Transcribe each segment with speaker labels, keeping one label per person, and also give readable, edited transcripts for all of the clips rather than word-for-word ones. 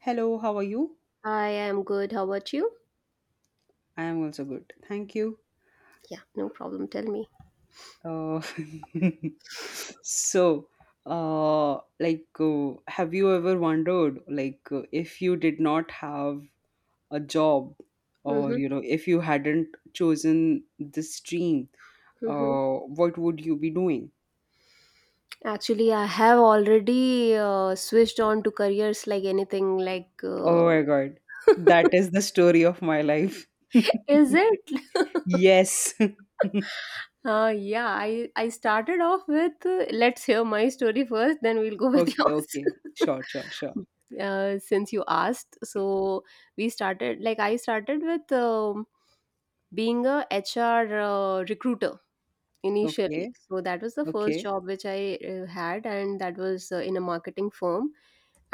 Speaker 1: Hello, how are you?
Speaker 2: I am good. How about you?
Speaker 1: I am also good. Thank you.
Speaker 2: Yeah, no problem. Tell me.
Speaker 1: Uh, so, have you ever wondered, if you did not have a job, or
Speaker 2: Mm-hmm,
Speaker 1: you know, if you hadn't chosen this stream,
Speaker 2: mm-hmm.
Speaker 1: uh, what would you be doing?
Speaker 2: Actually, I have already switched on to careers like anything like.
Speaker 1: Oh my God, that is the story of my life.
Speaker 2: Is it?
Speaker 1: Yes.
Speaker 2: Yeah, I started off with let's hear my story first, then we'll go with
Speaker 1: Okay.
Speaker 2: yours.
Speaker 1: Okay. Sure. Sure. Sure.
Speaker 2: Since you asked, so we started like I started with being a HR recruiter. Initially,
Speaker 1: Okay.
Speaker 2: so that was the first
Speaker 1: Okay.
Speaker 2: job which I had, and that was in a marketing firm,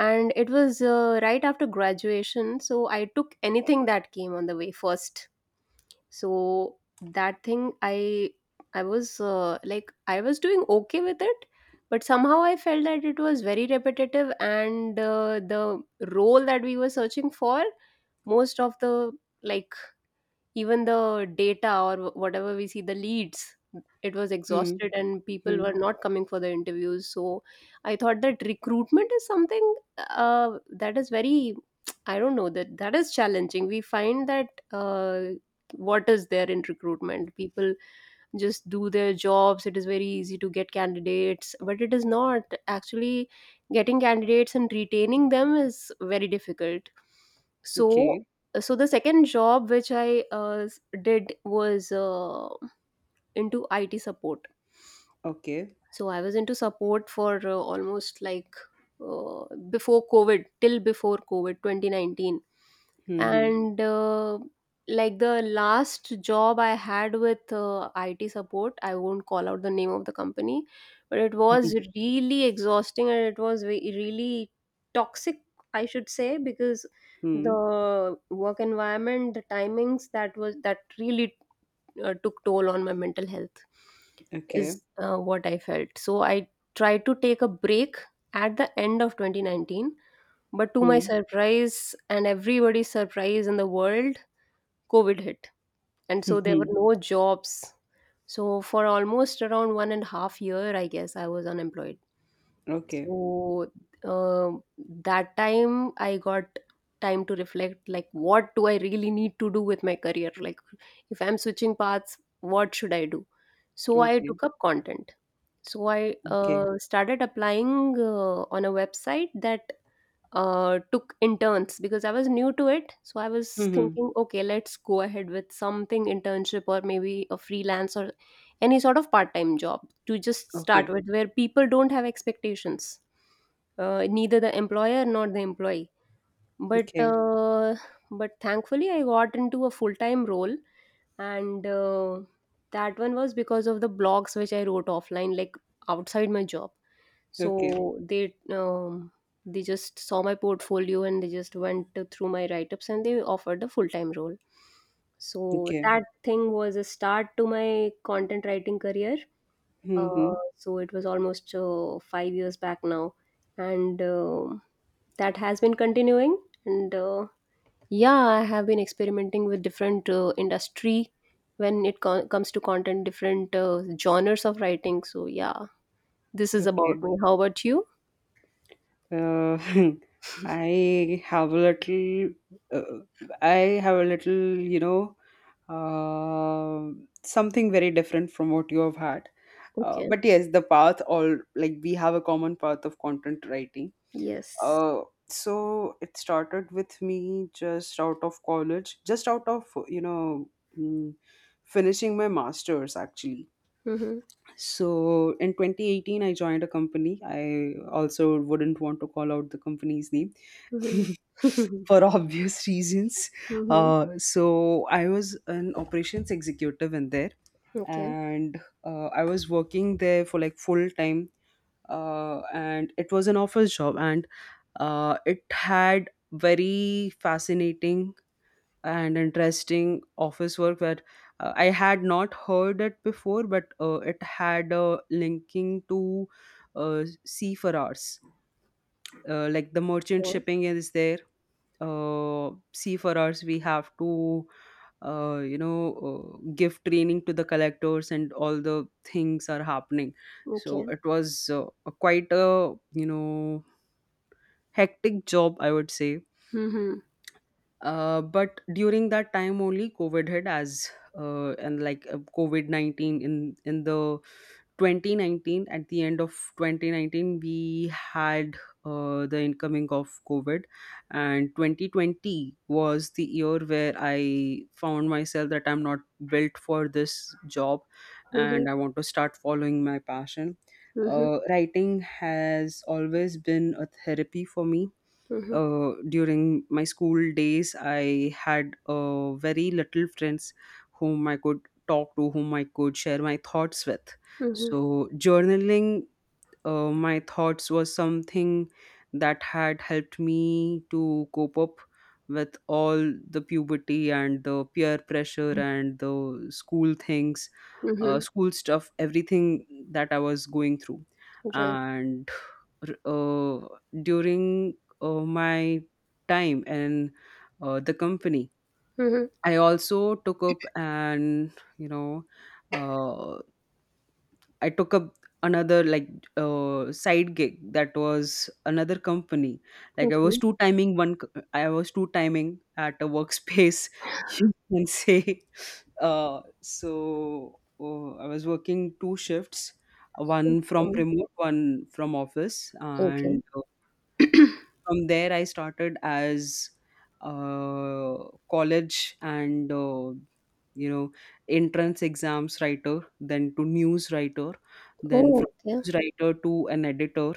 Speaker 2: and it was right after graduation, so I took anything that came on the way first. So that thing I was like I was doing okay with it, but somehow I felt that it was very repetitive, and the role that we were searching for, most of the, like, even the data or whatever we see, the leads, it was
Speaker 1: Hmm.
Speaker 2: exhausted and people
Speaker 1: Hmm.
Speaker 2: were not coming for the interviews. So I thought that recruitment is something that is very, I don't know, that is challenging. We find that what is there in recruitment, people just do their jobs. It is very easy to get candidates, but it is not, actually, getting candidates and retaining them is very difficult. So
Speaker 1: Okay.
Speaker 2: so the second job which I did was into IT support.
Speaker 1: Okay.
Speaker 2: So I was into support for almost like uh, before covid 2019.
Speaker 1: Hmm. Hmm.
Speaker 2: And like, the last job I had with IT support, I won't call out the name of the company, but it was really exhausting and it was really toxic, I should say, because
Speaker 1: Hmm.
Speaker 2: the work environment, the timings, that really took toll on my mental health
Speaker 1: Okay.
Speaker 2: is what I felt. So I tried to take a break at the end of 2019, but to my
Speaker 1: Hmm.
Speaker 2: surprise and everybody's surprise in the world, covid hit, and so there were no jobs. So for almost around 1.5 year, I guess, I was unemployed.
Speaker 1: Okay.
Speaker 2: So, um, that time I got time to reflect, like, what do I really need to do with my career? Like, if I'm switching paths, what should I do? So I
Speaker 1: Okay.
Speaker 2: took up content. So I
Speaker 1: Okay.
Speaker 2: started applying on a website that took interns because I was new to it. So I was
Speaker 1: Hmm.
Speaker 2: thinking, okay, let's go ahead with something internship or maybe a freelance or any sort of part time job to just start
Speaker 1: Okay.
Speaker 2: with, where people don't have expectations, neither the employer nor the employee. But
Speaker 1: Okay.
Speaker 2: uh, but thankfully, I got into a full time role, and that one was because of the blogs which I wrote offline, like outside my job.
Speaker 1: Okay.
Speaker 2: So they just saw my portfolio and they just went through my write ups and they offered a full time role. So
Speaker 1: Okay.
Speaker 2: that thing was a start to my content writing career.
Speaker 1: Hmm.
Speaker 2: So it was almost 5 years back now, and that has been continuing. And yeah, I have been experimenting with different industry when it comes to content, different genres of writing. So yeah, this is about
Speaker 1: Okay.
Speaker 2: me. How about you?
Speaker 1: Uh, I have a little. Uh, I have a little. Uh, Something very different from what you have had. Uh,
Speaker 2: Okay.
Speaker 1: but yes, the path all like we have a common path of content writing.
Speaker 2: Yes.
Speaker 1: Uh, so it started with me just out of college, just out of, you know, mm, finishing my master's actually.
Speaker 2: Mhm.
Speaker 1: So in 2018, I joined a company. I also wouldn't want to call out the company's name
Speaker 2: Mhm.
Speaker 1: for obvious reasons.
Speaker 2: Mhm.
Speaker 1: So I was an operations executive in there,
Speaker 2: Okay.
Speaker 1: and I was working there for like full time, and it was an office job, and it had very fascinating and interesting office work that I had not heard it before, but it had a linking to c for hours, like the merchant
Speaker 2: Yeah.
Speaker 1: shipping is there, seafarers. We have to, uh, you know give training to the collectors and all the things are happening. So
Speaker 2: Okay.
Speaker 1: it was a quite a, you know, hectic job, I would say.
Speaker 2: Mhm.
Speaker 1: But during that time only, COVID hit, as and covid-19, in the 2019, at the end of 2019, we had the incoming of COVID, and 2020 was the year where I found myself that I'm not built for this job
Speaker 2: Mhm.
Speaker 1: and I want to start following my passion.
Speaker 2: Mhm.
Speaker 1: Writing has always been a therapy for me.
Speaker 2: Mhm.
Speaker 1: During my school days, I had very little friends whom I could talk to, whom I could share my thoughts with.
Speaker 2: Mhm.
Speaker 1: So journaling my thoughts was something that had helped me to cope up with all the puberty and the peer pressure and the school things,
Speaker 2: Mhm.
Speaker 1: school stuff, everything that I was going through.
Speaker 2: Right.
Speaker 1: And uh, during my time in the company,
Speaker 2: Mhm.
Speaker 1: I also took up an you know uh, I took up another, side gig. That was another company. Like, I was
Speaker 2: Okay.
Speaker 1: two timing one. I was two timing at a workspace. You can say. I was working two shifts, one from
Speaker 2: Okay.
Speaker 1: remote, one from office,
Speaker 2: Okay.
Speaker 1: and from there I started as uh, college and, you know entrance exams writer, then to news writer, then from
Speaker 2: Oh, okay.
Speaker 1: news writer to an editor.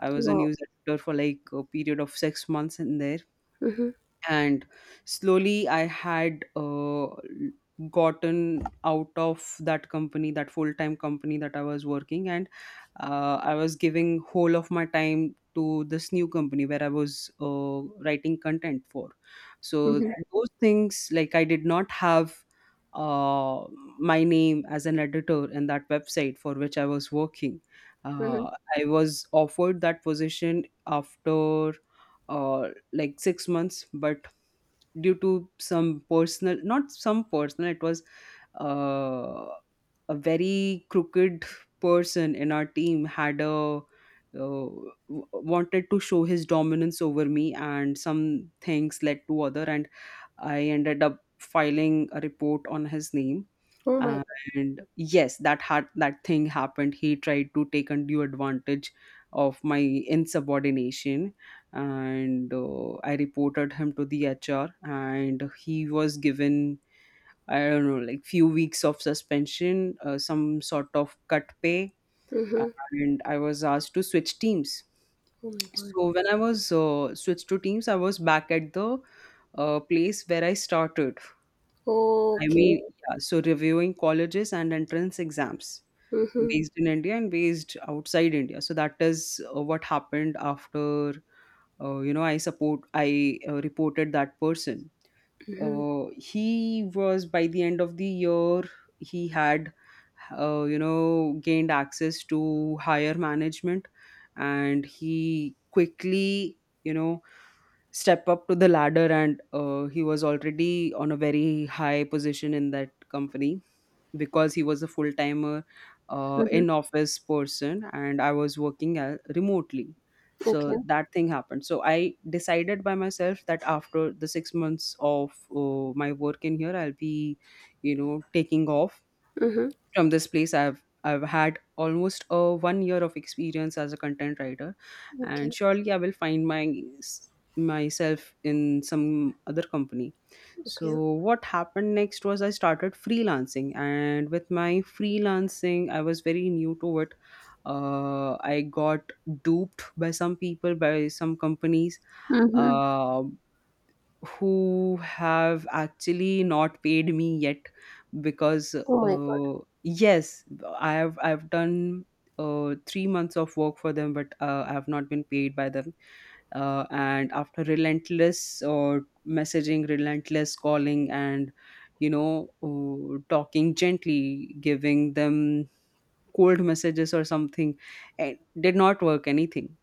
Speaker 1: I was a
Speaker 2: Wow.
Speaker 1: news editor for like a period of 6 months in there,
Speaker 2: Mhm.
Speaker 1: and slowly I had gotten out of that company, that full time company that I was working, and I was giving whole of my time to this new company where I was writing content for. So
Speaker 2: Mhm.
Speaker 1: those things, like, I did not have uh, my name as an editor in that website for which I was working.
Speaker 2: Mhm.
Speaker 1: uh, I was offered that position after uh, 6 months, but due to some personal, not some personal, it was uh, a very crooked person in our team had a, wanted to show his dominance over me, and some things led to other. And I ended up filing a report on his name.
Speaker 2: Oh my God.
Speaker 1: And yes, that had that thing happened. He tried to take undue advantage of my insubordination, and I reported him to the HR, and he was given, I don't know, like, few weeks of suspension, some sort of cut pay,
Speaker 2: Mhm.
Speaker 1: and I was asked to switch teams.
Speaker 2: Oh my God.
Speaker 1: So when I was switched to teams, I was back at the place where I started. I
Speaker 2: Okay.
Speaker 1: mean, yeah, so reviewing colleges and entrance exams
Speaker 2: Mhm.
Speaker 1: based in India and based outside India. So that is what happened after, you know, I support, I reported that person.
Speaker 2: Mhm.
Speaker 1: He was, by the end of the year, he had, you know, gained access to higher management, and he quickly, you know, step up to the ladder, and he was already on a very high position in that company because he was a full timer,
Speaker 2: Mhm.
Speaker 1: in office person, and I was working remotely.
Speaker 2: Okay.
Speaker 1: So that thing happened. So I decided by myself that after the 6 months of my work in here, I'll be, you know, taking off
Speaker 2: Mhm.
Speaker 1: from this place. I've had almost a 1 year of experience as a content writer, and
Speaker 2: Okay.
Speaker 1: surely I will find my myself in some other company. So
Speaker 2: Okay.
Speaker 1: what happened next was I started freelancing, and with my freelancing, I was very new to it. I got duped by some people, by some companies,
Speaker 2: Mhm.
Speaker 1: Uh, who have actually not paid me yet, because
Speaker 2: Oh my God.
Speaker 1: uh, yes, I've done 3 months of work for them, but I have not been paid by them. And after relentless messaging, relentless calling, and, talking gently, giving them cold messages or something, it did not work anything.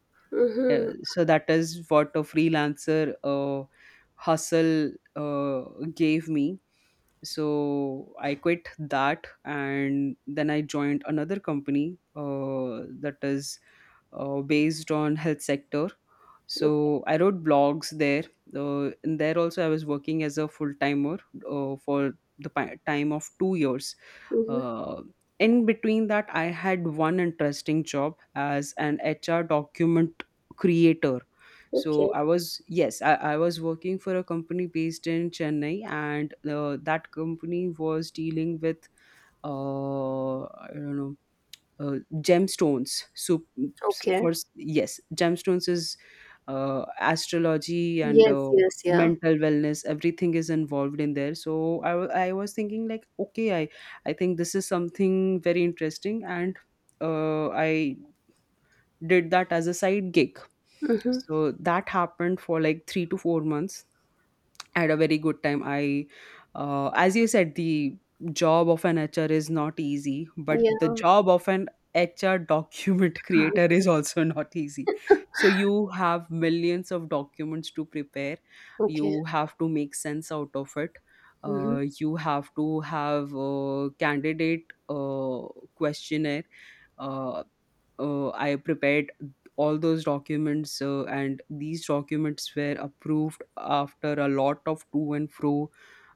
Speaker 2: Mhm.
Speaker 1: So that is what a freelancer hustle uh, gave me. So I quit that, and then I joined another company that is based on health sector.
Speaker 2: Okay.
Speaker 1: So I wrote blogs there. And there also, I was working as a full timer for time of 2 years.
Speaker 2: Mhm.
Speaker 1: uh, in between that, I had one interesting job as an HR document creator. So
Speaker 2: Okay.
Speaker 1: I was, yes, I was working for a company based in Chennai, and that company was dealing with, I don't know uh, gemstones. So,
Speaker 2: Okay.
Speaker 1: for yes, gemstones is astrology, and
Speaker 2: Yes. Yes. Yeah.
Speaker 1: mental wellness. Everything is involved in there. So I, I was thinking like, okay, I think this is something very interesting, and I did that as a side gig.
Speaker 2: Mhm.
Speaker 1: So that happened for like 3 to 4 months. I had a very good time. I, as you said, the job of an HR is not easy, but the
Speaker 2: Yeah.
Speaker 1: job of an HR document creator is also not easy. So you have millions of documents to prepare.
Speaker 2: Okay.
Speaker 1: You have to make sense out of it.
Speaker 2: Mhm.
Speaker 1: You have to have a candidate uh, questionnaire. Uh, I prepared all those documents, and these documents were approved after a lot of to and fro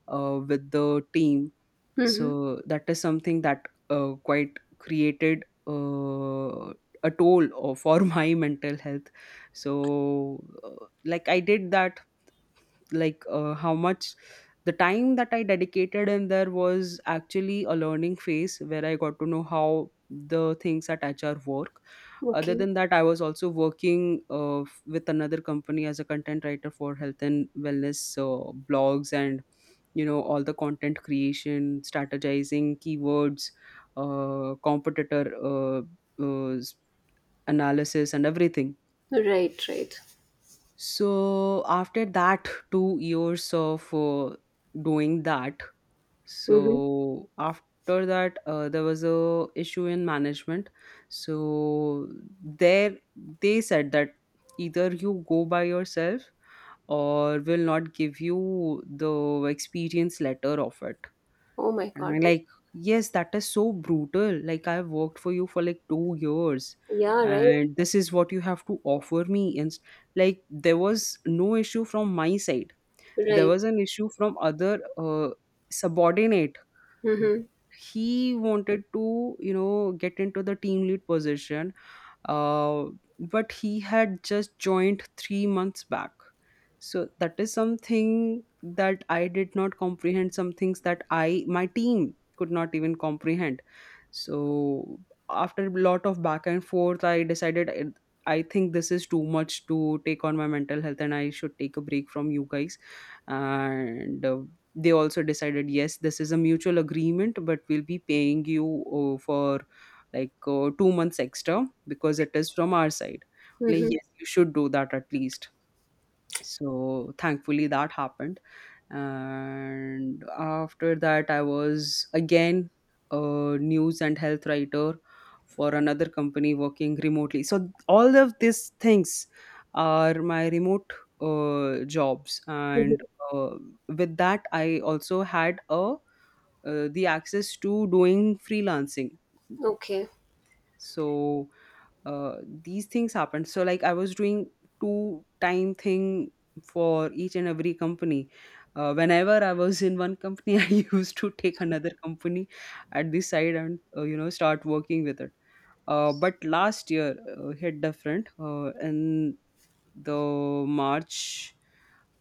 Speaker 1: with the team.
Speaker 2: Mhm.
Speaker 1: So that is something that quite created a toll for my mental health. So I did that. How much, the time that I dedicated in there was actually a learning phase where I got to know how the things at HR work. Other
Speaker 2: Okay.
Speaker 1: than that, I was also working, with another company as a content writer for health and wellness blogs and, you know, all the content creation, strategizing keywords, competitor uh, s- analysis and everything.
Speaker 2: Right. Right.
Speaker 1: So after that 2 years of doing that,
Speaker 2: Mhm.
Speaker 1: so after that there was a issue in management. So there they said that either you go by yourself or will not give you the experience letter of it.
Speaker 2: Oh my
Speaker 1: And I'm
Speaker 2: God. Oh,
Speaker 1: like, yes, that is so brutal. Like, I've worked for you for like 2 years,
Speaker 2: yeah. Right.
Speaker 1: and this is what you have to offer me. And like, there was no issue from my side. There
Speaker 2: Right.
Speaker 1: was an issue from other subordinate.
Speaker 2: Mhm.
Speaker 1: He wanted to, you know, get into the team lead position, uh, but he had just joined 3 months back. So that is something that I did not comprehend. Some things that I my team could not even comprehend. So after a lot of back and forth, I decided I think this is too much to take on my mental health, and I should take a break from you guys. And They also decided, yes, this is a mutual agreement, but we'll be paying you for 2 months extra because it is from our side, like,
Speaker 2: Mhm.
Speaker 1: yes, you should do that at least. So thankfully that happened, and after that I was again a news and health writer for another company working remotely. So all of these things are my remote jobs. And
Speaker 2: Mhm.
Speaker 1: uh, with that I also had a the access to doing freelancing.
Speaker 2: Okay.
Speaker 1: So uh, these things happened, so like I was doing two time thing for each and every company. Uh, whenever I was in one company, I used to take another company at the side and you know, start working with it. Uh, but last year hit different, and the March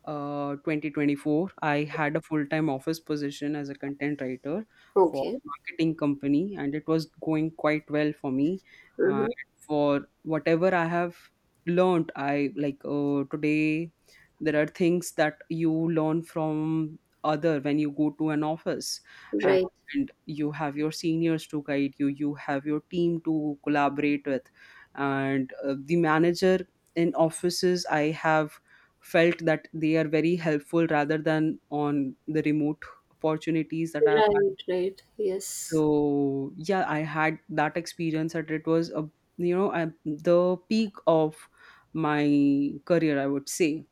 Speaker 1: 2024, I had a full time office position as a content writer for
Speaker 2: Okay.
Speaker 1: a marketing company, and it was going quite well for me. Uh,
Speaker 2: Mhm.
Speaker 1: for whatever I have learned, I today, there are things that you learn from other when you go to an office. Uh,
Speaker 2: Right.
Speaker 1: and you have your seniors to guide you, you have your team to collaborate with, and the manager in offices, I have felt that they are very helpful rather than on the remote opportunities that I've had.
Speaker 2: Right. Right. Yes.
Speaker 1: So yeah, I had that experience that it was a, you know, the peak of my career, I would say.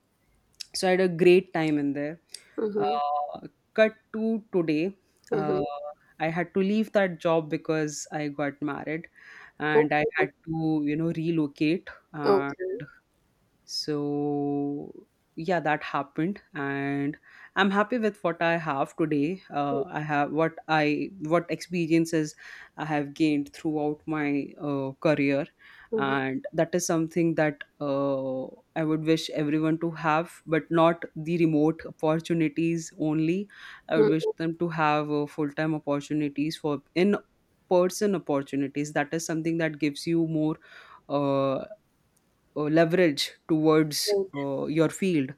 Speaker 1: So I had a great time in there.
Speaker 2: Mhm.
Speaker 1: Uh, cut to today.
Speaker 2: Mhm.
Speaker 1: Uh, i had to leave that job because I got married and I
Speaker 2: Okay.
Speaker 1: had to, you know, relocate.
Speaker 2: Okay.
Speaker 1: And so yeah, that happened. And I'm happy with what I have today. I have what I what experiences I have gained throughout my career.
Speaker 2: Mhm.
Speaker 1: And that is something that I would wish everyone to have, but not the remote opportunities only. I would wish
Speaker 2: Mhm.
Speaker 1: them to have full time opportunities, for in person opportunities. That is something that gives you more uh leverage towards
Speaker 2: Right.
Speaker 1: your field.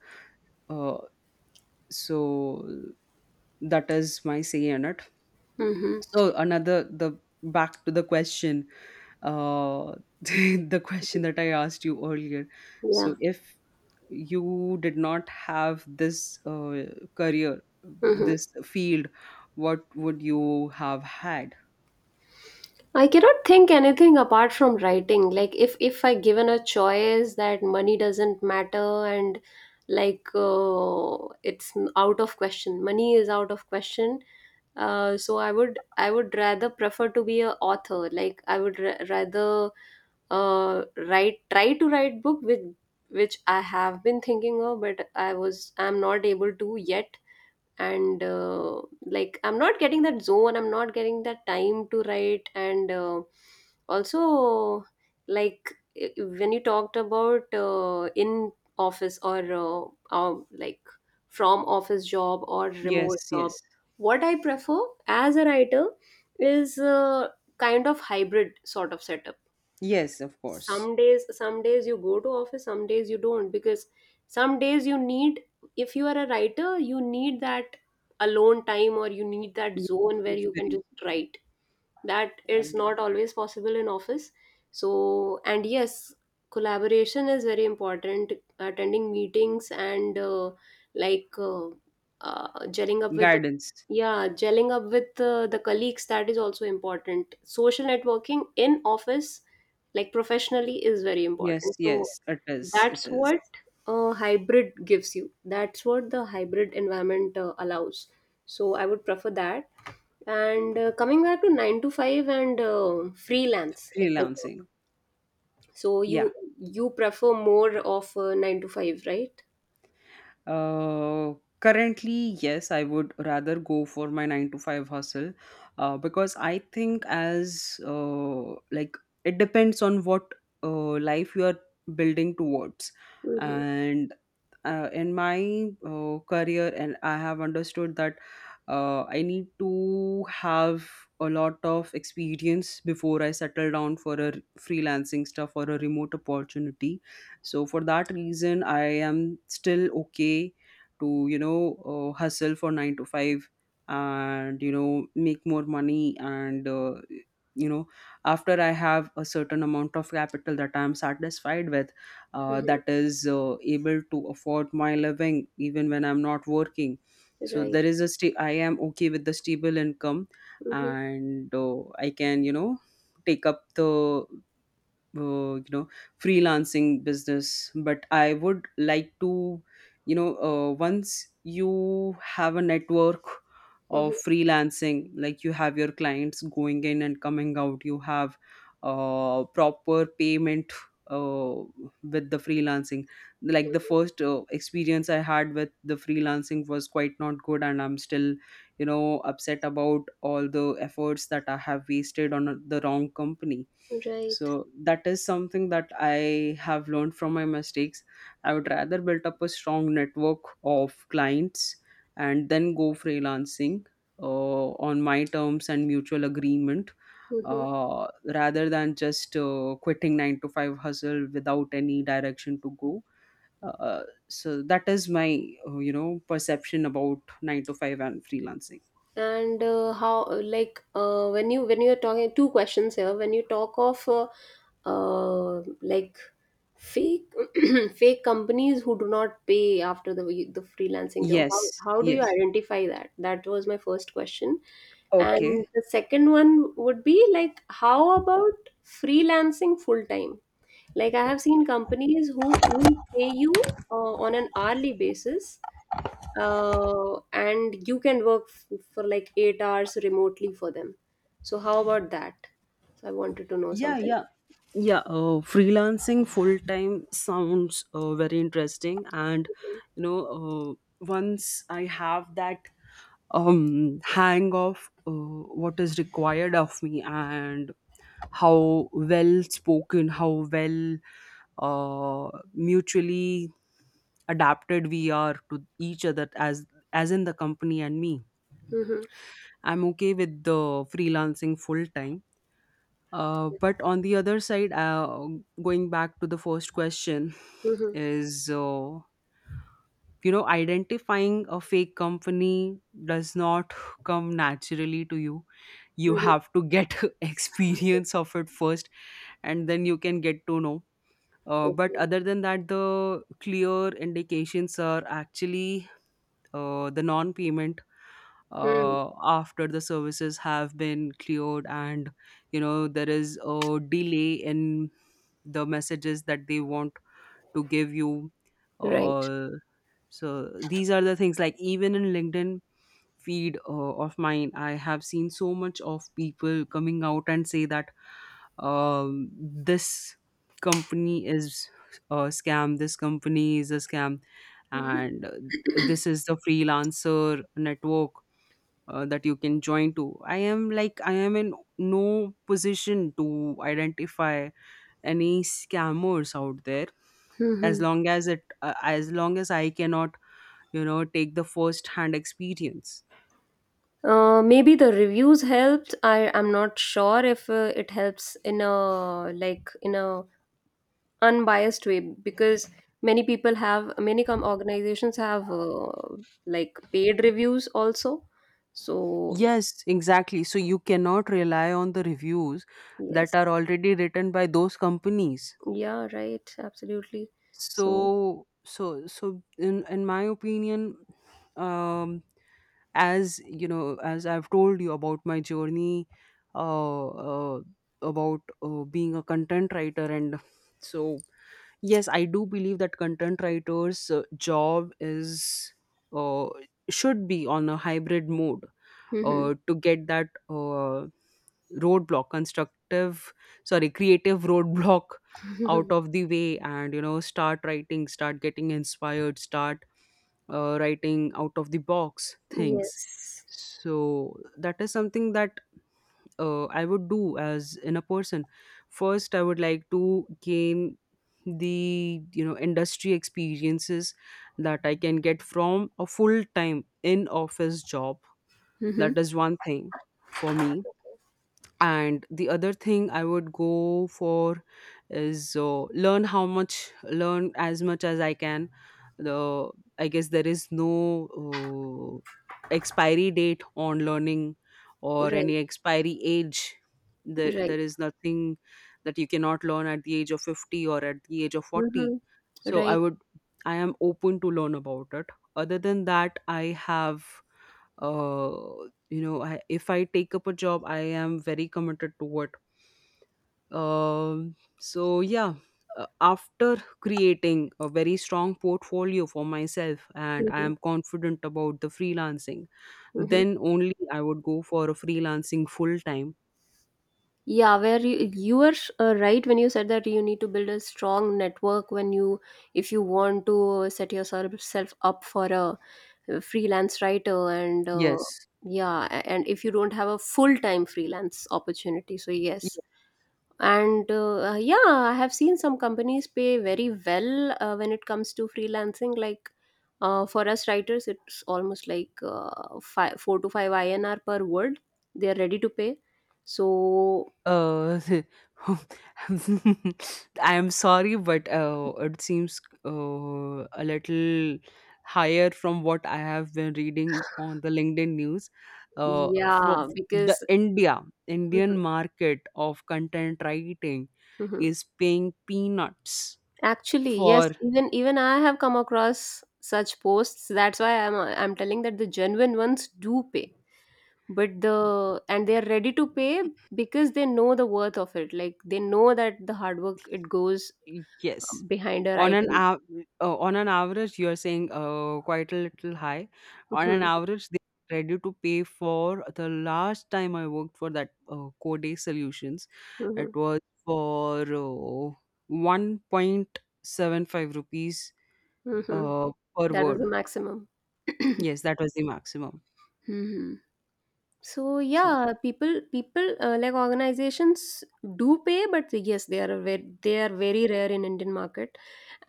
Speaker 1: Uh, so that is my say on it.
Speaker 2: Mhm.
Speaker 1: So another the back to the question, uh, the question that I asked you earlier.
Speaker 2: Yeah.
Speaker 1: So if you did not have this career,
Speaker 2: Mhm.
Speaker 1: this field, what would you have had?
Speaker 2: I cannot think anything apart from writing. Like, if I given a choice that money doesn't matter, and like, it's out of question. Money is out of question. So I would rather prefer to be a author. Like, I would rather write try to write book with which I have been thinking of, but I'm not able to yet, and like, I'm not getting that zone, I'm not getting that time to write, and also, like, when you talked about in office or like, from office job or remote
Speaker 1: Yes,
Speaker 2: job,
Speaker 1: yes,
Speaker 2: what I prefer as a writer is kind of hybrid sort of setup.
Speaker 1: yes, of course.
Speaker 2: Some days you go to office, some days you don't, because some days you need, if you are a writer you need that alone time, or you need that
Speaker 1: Yes,
Speaker 2: zone where you can
Speaker 1: inspiration,
Speaker 2: just write. That is
Speaker 1: um,
Speaker 2: not always possible in office. So, and yes, collaboration is very important, attending meetings, and like uh, gelling up with the
Speaker 1: guidance.
Speaker 2: yeah gelling up with the colleagues, that is also important. Social networking in office, like professionally, is very
Speaker 1: Yes,
Speaker 2: important, so
Speaker 1: yes, it is. It
Speaker 2: that's
Speaker 1: is.
Speaker 2: what a hybrid gives you. That's what the hybrid environment allows. So I would prefer that, and coming back to 9 to 5 and freelance if I talk.
Speaker 1: Freelancing.
Speaker 2: So
Speaker 1: Yeah.
Speaker 2: you prefer more of 9 to 5, right?
Speaker 1: Uh, currently, yes, I would rather go for my nine to five hustle because I think, it depends on what life you are building towards.
Speaker 2: Mm-hmm.
Speaker 1: And in my career, and I have understood that I need to have a lot of experience before I settle down for a freelancing stuff or a remote opportunity. So for that reason, I am still okay to, you know, hustle for 9 to 5, and you know, make more money. And you know, after I have a certain amount of capital that I'm satisfied with,
Speaker 2: Mm-hmm.
Speaker 1: that is able to afford my living even when I'm not working. So
Speaker 2: Right.
Speaker 1: there is a I am okay with the stable income.
Speaker 2: Mm-hmm.
Speaker 1: And I can, you know, take up the you know, freelancing business, but I would like to, you know, once you have a network
Speaker 2: Mm-hmm.
Speaker 1: of freelancing, like you have your clients going in and coming out, you have proper payment uh, with the freelancing. Like the first experience I had with the freelancing was quite not good, and I'm still, you know, upset about all the efforts that I have wasted on the wrong company.
Speaker 2: Right.
Speaker 1: So that is something that I have learned from my mistakes. I would rather build up a strong network of clients and then go freelancing on my terms and mutual agreement.
Speaker 2: Mm-hmm.
Speaker 1: Uh, rather than just quitting 9 to 5 hustle without any direction to go. Uh, so that is my you know, perception about 9 to 5 and freelancing.
Speaker 2: And how, like, when you, when you're talking, two questions here. When you talk of like, fake fake companies who do not pay after the freelancing job,
Speaker 1: Yes,
Speaker 2: how do you
Speaker 1: yes,
Speaker 2: identify that? That was my first question. And
Speaker 1: okay.
Speaker 2: the second one would be like, how about freelancing full time? Like, I have seen companies who pay you on an hourly basis, and you can work for like 8 hours remotely for them. So how about that? So I wanted to know
Speaker 1: Yeah,
Speaker 2: something.
Speaker 1: yeah. Yeah, freelancing full time sounds very interesting. And you know, once I have that hang of what is required of me, and how well spoken, how well mutually adapted we are to each other, as in the company and me,
Speaker 2: Mm-hmm.
Speaker 1: I'm okay with the freelancing full time. But on the other side, going back to the first question,
Speaker 2: Mm-hmm.
Speaker 1: is you know, identifying a fake company does not come naturally to you. You
Speaker 2: Mm-hmm.
Speaker 1: have to get experience of it first, and then you can get to know. But
Speaker 2: Okay.
Speaker 1: other than that, the clear indications are actually the non-payment
Speaker 2: Hmm.
Speaker 1: after the services have been cleared, and you know, there is a delay in the messages that they want to give you.
Speaker 2: Right.
Speaker 1: uh, so these are the things. Like even in LinkedIn feed of mine, I have seen so much of people coming out and say that this company is a scam, this company is a scam. And this is the freelancer network that you can join to. I am in no position to identify any scammers out there, as
Speaker 2: Mm-hmm.
Speaker 1: long as it as long as I cannot, you know, take the first hand experience.
Speaker 2: Maybe the reviews helped. I'm not sure if it helps in a, like, in a unbiased way because many people have, many organizations have like, paid reviews also. So
Speaker 1: Yes, exactly, so you cannot rely on the reviews that
Speaker 2: yes.
Speaker 1: are already written by those companies.
Speaker 2: Yeah, right. Absolutely. So,
Speaker 1: So in my opinion, um as you know, as I've told you about my journey, uh, uh about being a content writer, and so yes, I do believe that content writers' job is uh, should be on a hybrid mode,
Speaker 2: mhm.
Speaker 1: to get that roadblock constructive sorry creative roadblock out of the way, and you know, start writing, start getting inspired, start writing out of the box things.
Speaker 2: Yes.
Speaker 1: So that is something that I would do as in a person. First I would like to gain the, you know, industry experiences that I can get from a full time in office job.
Speaker 2: Hmm.
Speaker 1: That is one thing for me. And the other thing I would go for is learn as much as I can. The I guess there is no expiry date on learning or
Speaker 2: Right,
Speaker 1: any expiry age.
Speaker 2: right.
Speaker 1: There is nothing that you cannot learn at the age of 50 or at the age of 40.
Speaker 2: Hmm.
Speaker 1: So I
Speaker 2: Right.
Speaker 1: would, I am open to learn about it. Other than that, I have uh you know, if I take up a job, I am very committed to it. So yeah, after creating a very strong portfolio for myself and I
Speaker 2: Hmm.
Speaker 1: am confident about the freelancing,
Speaker 2: Hmm.
Speaker 1: then only I would go for a freelancing full time.
Speaker 2: Yeah, where you were right when you said that you need to build a strong network when you, if you want to set yourself self up for a freelance writer, and
Speaker 1: Yes.
Speaker 2: yeah, and if you don't have a full-time freelance opportunity. So, yes, and yeah, I have seen some companies pay very well when it comes to freelancing, like for us writers, it's almost like five, 4 to 5 INR per word they are ready to pay. So
Speaker 1: Uh, I'm sorry, but it seems a little higher from what I have been reading on the LinkedIn news. From
Speaker 2: yeah,
Speaker 1: the
Speaker 2: because
Speaker 1: India, Indian market of content writing is paying peanuts
Speaker 2: actually yes,
Speaker 1: for.
Speaker 2: even I have come across such posts. That's why I'm telling that the genuine ones do pay, but the and they are ready to pay because they know the worth of it. Like, they know that the hard work it goes
Speaker 1: Yes.
Speaker 2: behind our
Speaker 1: On an
Speaker 2: item.
Speaker 1: av- on an average, you are saying quite a little high. On an
Speaker 2: Hmm.
Speaker 1: average, they are ready to pay. For the last time I worked for that Codex Solutions, it
Speaker 2: Hmm.
Speaker 1: was for 1.75 rupees
Speaker 2: Hmm.
Speaker 1: uh, per
Speaker 2: That is the
Speaker 1: word.
Speaker 2: maximum.
Speaker 1: Yes, that was the maximum.
Speaker 2: Hmm. So
Speaker 1: So,
Speaker 2: yeah, people, like, organizations do pay, but yes, they are very, rare in Indian market,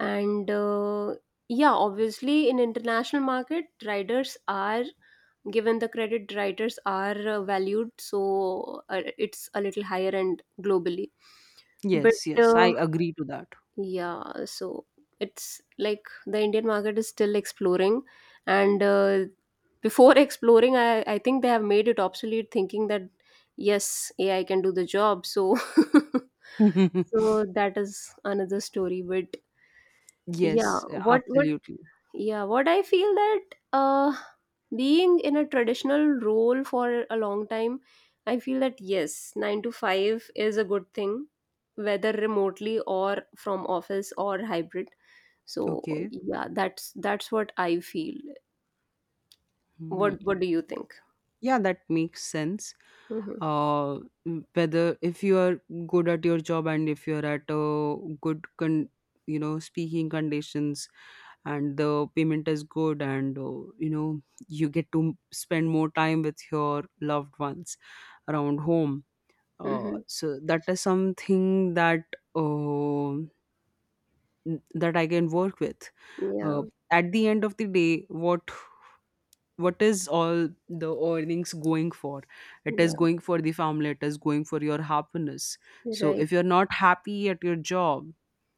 Speaker 2: and yeah, obviously in international market, riders are given the credit. Writers are valued, so it's a little higher end globally. But
Speaker 1: yes, yes, I
Speaker 2: uh,
Speaker 1: agree to that.
Speaker 2: yeah, so it's like the Indian market is still exploring, and before exploring, I think they have made it obsolete, thinking that yes, AI can do the job. So, so that is another story. But yeah,
Speaker 1: Yes, absolutely.
Speaker 2: what I feel that uh, being in a traditional role for a long time, I feel that yes, 9 to 5 is a good thing, whether remotely or from office or hybrid. So
Speaker 1: Okay.
Speaker 2: yeah, that's what I feel.
Speaker 1: Hmm.
Speaker 2: What do you think?
Speaker 1: Yeah, that makes sense.
Speaker 2: Mm-hmm.
Speaker 1: uh Whether, if you are good at your job, and if you're at a good con you know, speaking conditions, and the payment is good, and you know, you get to spend more time with your loved ones around home.
Speaker 2: Mm-hmm.
Speaker 1: So that is something that uh, that I can work with.
Speaker 2: Yeah,
Speaker 1: uh, at the end of the day, what is all the earnings going for? It is
Speaker 2: yeah,
Speaker 1: going for the family, it is going for your happiness. So
Speaker 2: right.
Speaker 1: if you're not happy at your job,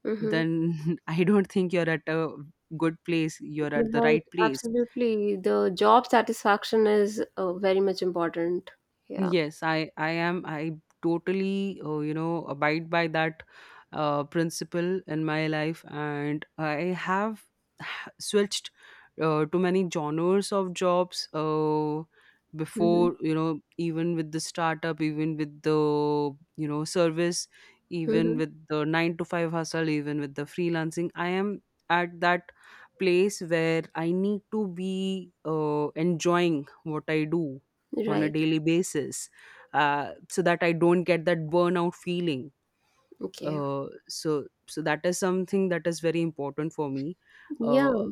Speaker 2: Mm-hmm.
Speaker 1: then I don't think you're at a good place you're at the
Speaker 2: Right,
Speaker 1: right place.
Speaker 2: absolutely. The job satisfaction is very much important. Yeah.
Speaker 1: Yes, I am, I totally you know, abide by that principle in my life. And I have switched to many genres of jobs,
Speaker 2: Mm-hmm.
Speaker 1: before, you know, even with the startup, even with the, you know, service, even
Speaker 2: Mm-hmm.
Speaker 1: with the nine to five hustle, even with the freelancing. I am at that place where I need to be enjoying what I do on a
Speaker 2: Right.
Speaker 1: daily basis, so that I don't get that burnout feeling.
Speaker 2: Okay.
Speaker 1: uh, so so that is something that is very important for me.
Speaker 2: Yeah,
Speaker 1: uh,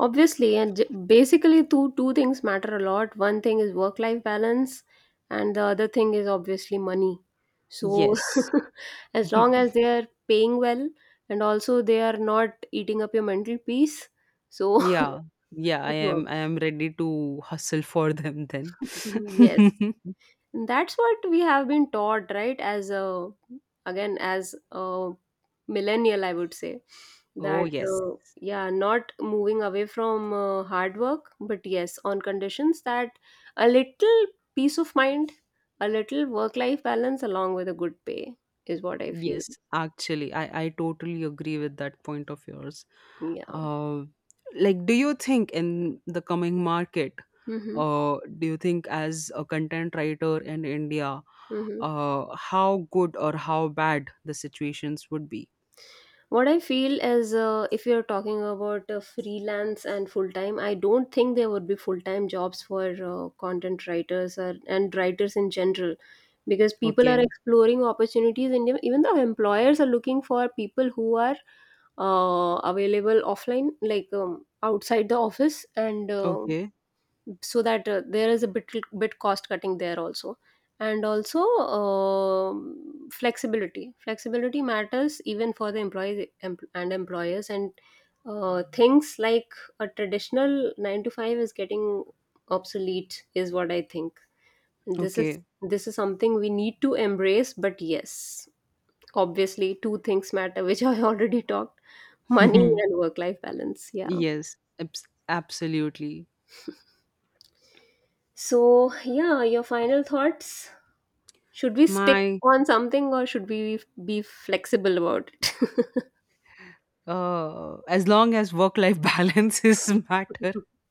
Speaker 2: obviously, and basically two things matter a lot. One thing is work life balance, and the other thing is obviously money. So,
Speaker 1: yes.
Speaker 2: as long as they are paying well and also they are not eating up your mental peace, so
Speaker 1: Yeah,
Speaker 2: it
Speaker 1: I
Speaker 2: works.
Speaker 1: am ready to hustle for them then.
Speaker 2: Yes. That's what we have been taught, right? As a, again, as a millennial, I would say
Speaker 1: Oh
Speaker 2: that
Speaker 1: yes,
Speaker 2: yeah, not moving away from hard work, but yes, on conditions that a little peace of mind, a little work life balance along with a good pay is what I feel.
Speaker 1: yes, actually, I totally agree with that point of yours.
Speaker 2: Yeah.
Speaker 1: uh, like, do you think in the coming market,
Speaker 2: Mm-hmm.
Speaker 1: do you think as a content writer in India,
Speaker 2: Mm-hmm.
Speaker 1: how good or how bad the situations would be?
Speaker 2: What I feel is if you're talking about freelance and full-time, I don't think there would be full-time jobs for content writers or, and writers in general, because people are
Speaker 1: Okay,
Speaker 2: exploring opportunities and even the employers are looking for people who are available offline, like outside the office, and
Speaker 1: okay,
Speaker 2: so that there is a bit cost cutting there also, and also um flexibility matters even for the employees, and employers, and things like a traditional 9 to 5 is getting obsolete is what I think. And this is
Speaker 1: okay.
Speaker 2: this is something we need to embrace. But yes, obviously two things matter, which I already talked, money and work life balance. Yeah.
Speaker 1: Yes, absolutely.
Speaker 2: So yeah, your final thoughts. Should we stick
Speaker 1: My
Speaker 2: on something or should we be flexible about it?
Speaker 1: as long as work life balance is matter,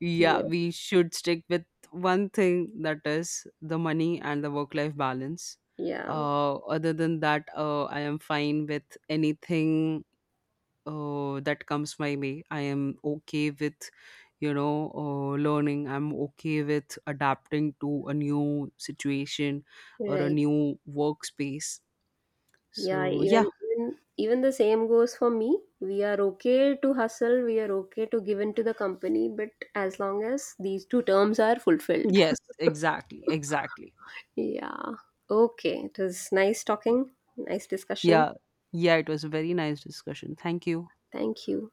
Speaker 1: yeah,
Speaker 2: Yeah.
Speaker 1: we should stick with one thing, that is the money and the work life balance.
Speaker 2: Yeah.
Speaker 1: Other than that, I am fine with anything that comes my way. I am okay with, you know, learning. I'm okay with adapting to a new situation or a
Speaker 2: Right.
Speaker 1: new workspace.
Speaker 2: Yeah.
Speaker 1: So yeah.
Speaker 2: Even the same goes for me. We are okay to hustle. We are okay to give in to the company, but as long as these two terms are fulfilled.
Speaker 1: Yes, exactly, exactly.
Speaker 2: Yeah. Okay. It was nice talking. Nice discussion.
Speaker 1: Yeah, yeah, it was a very nice discussion. Thank you.
Speaker 2: Thank you.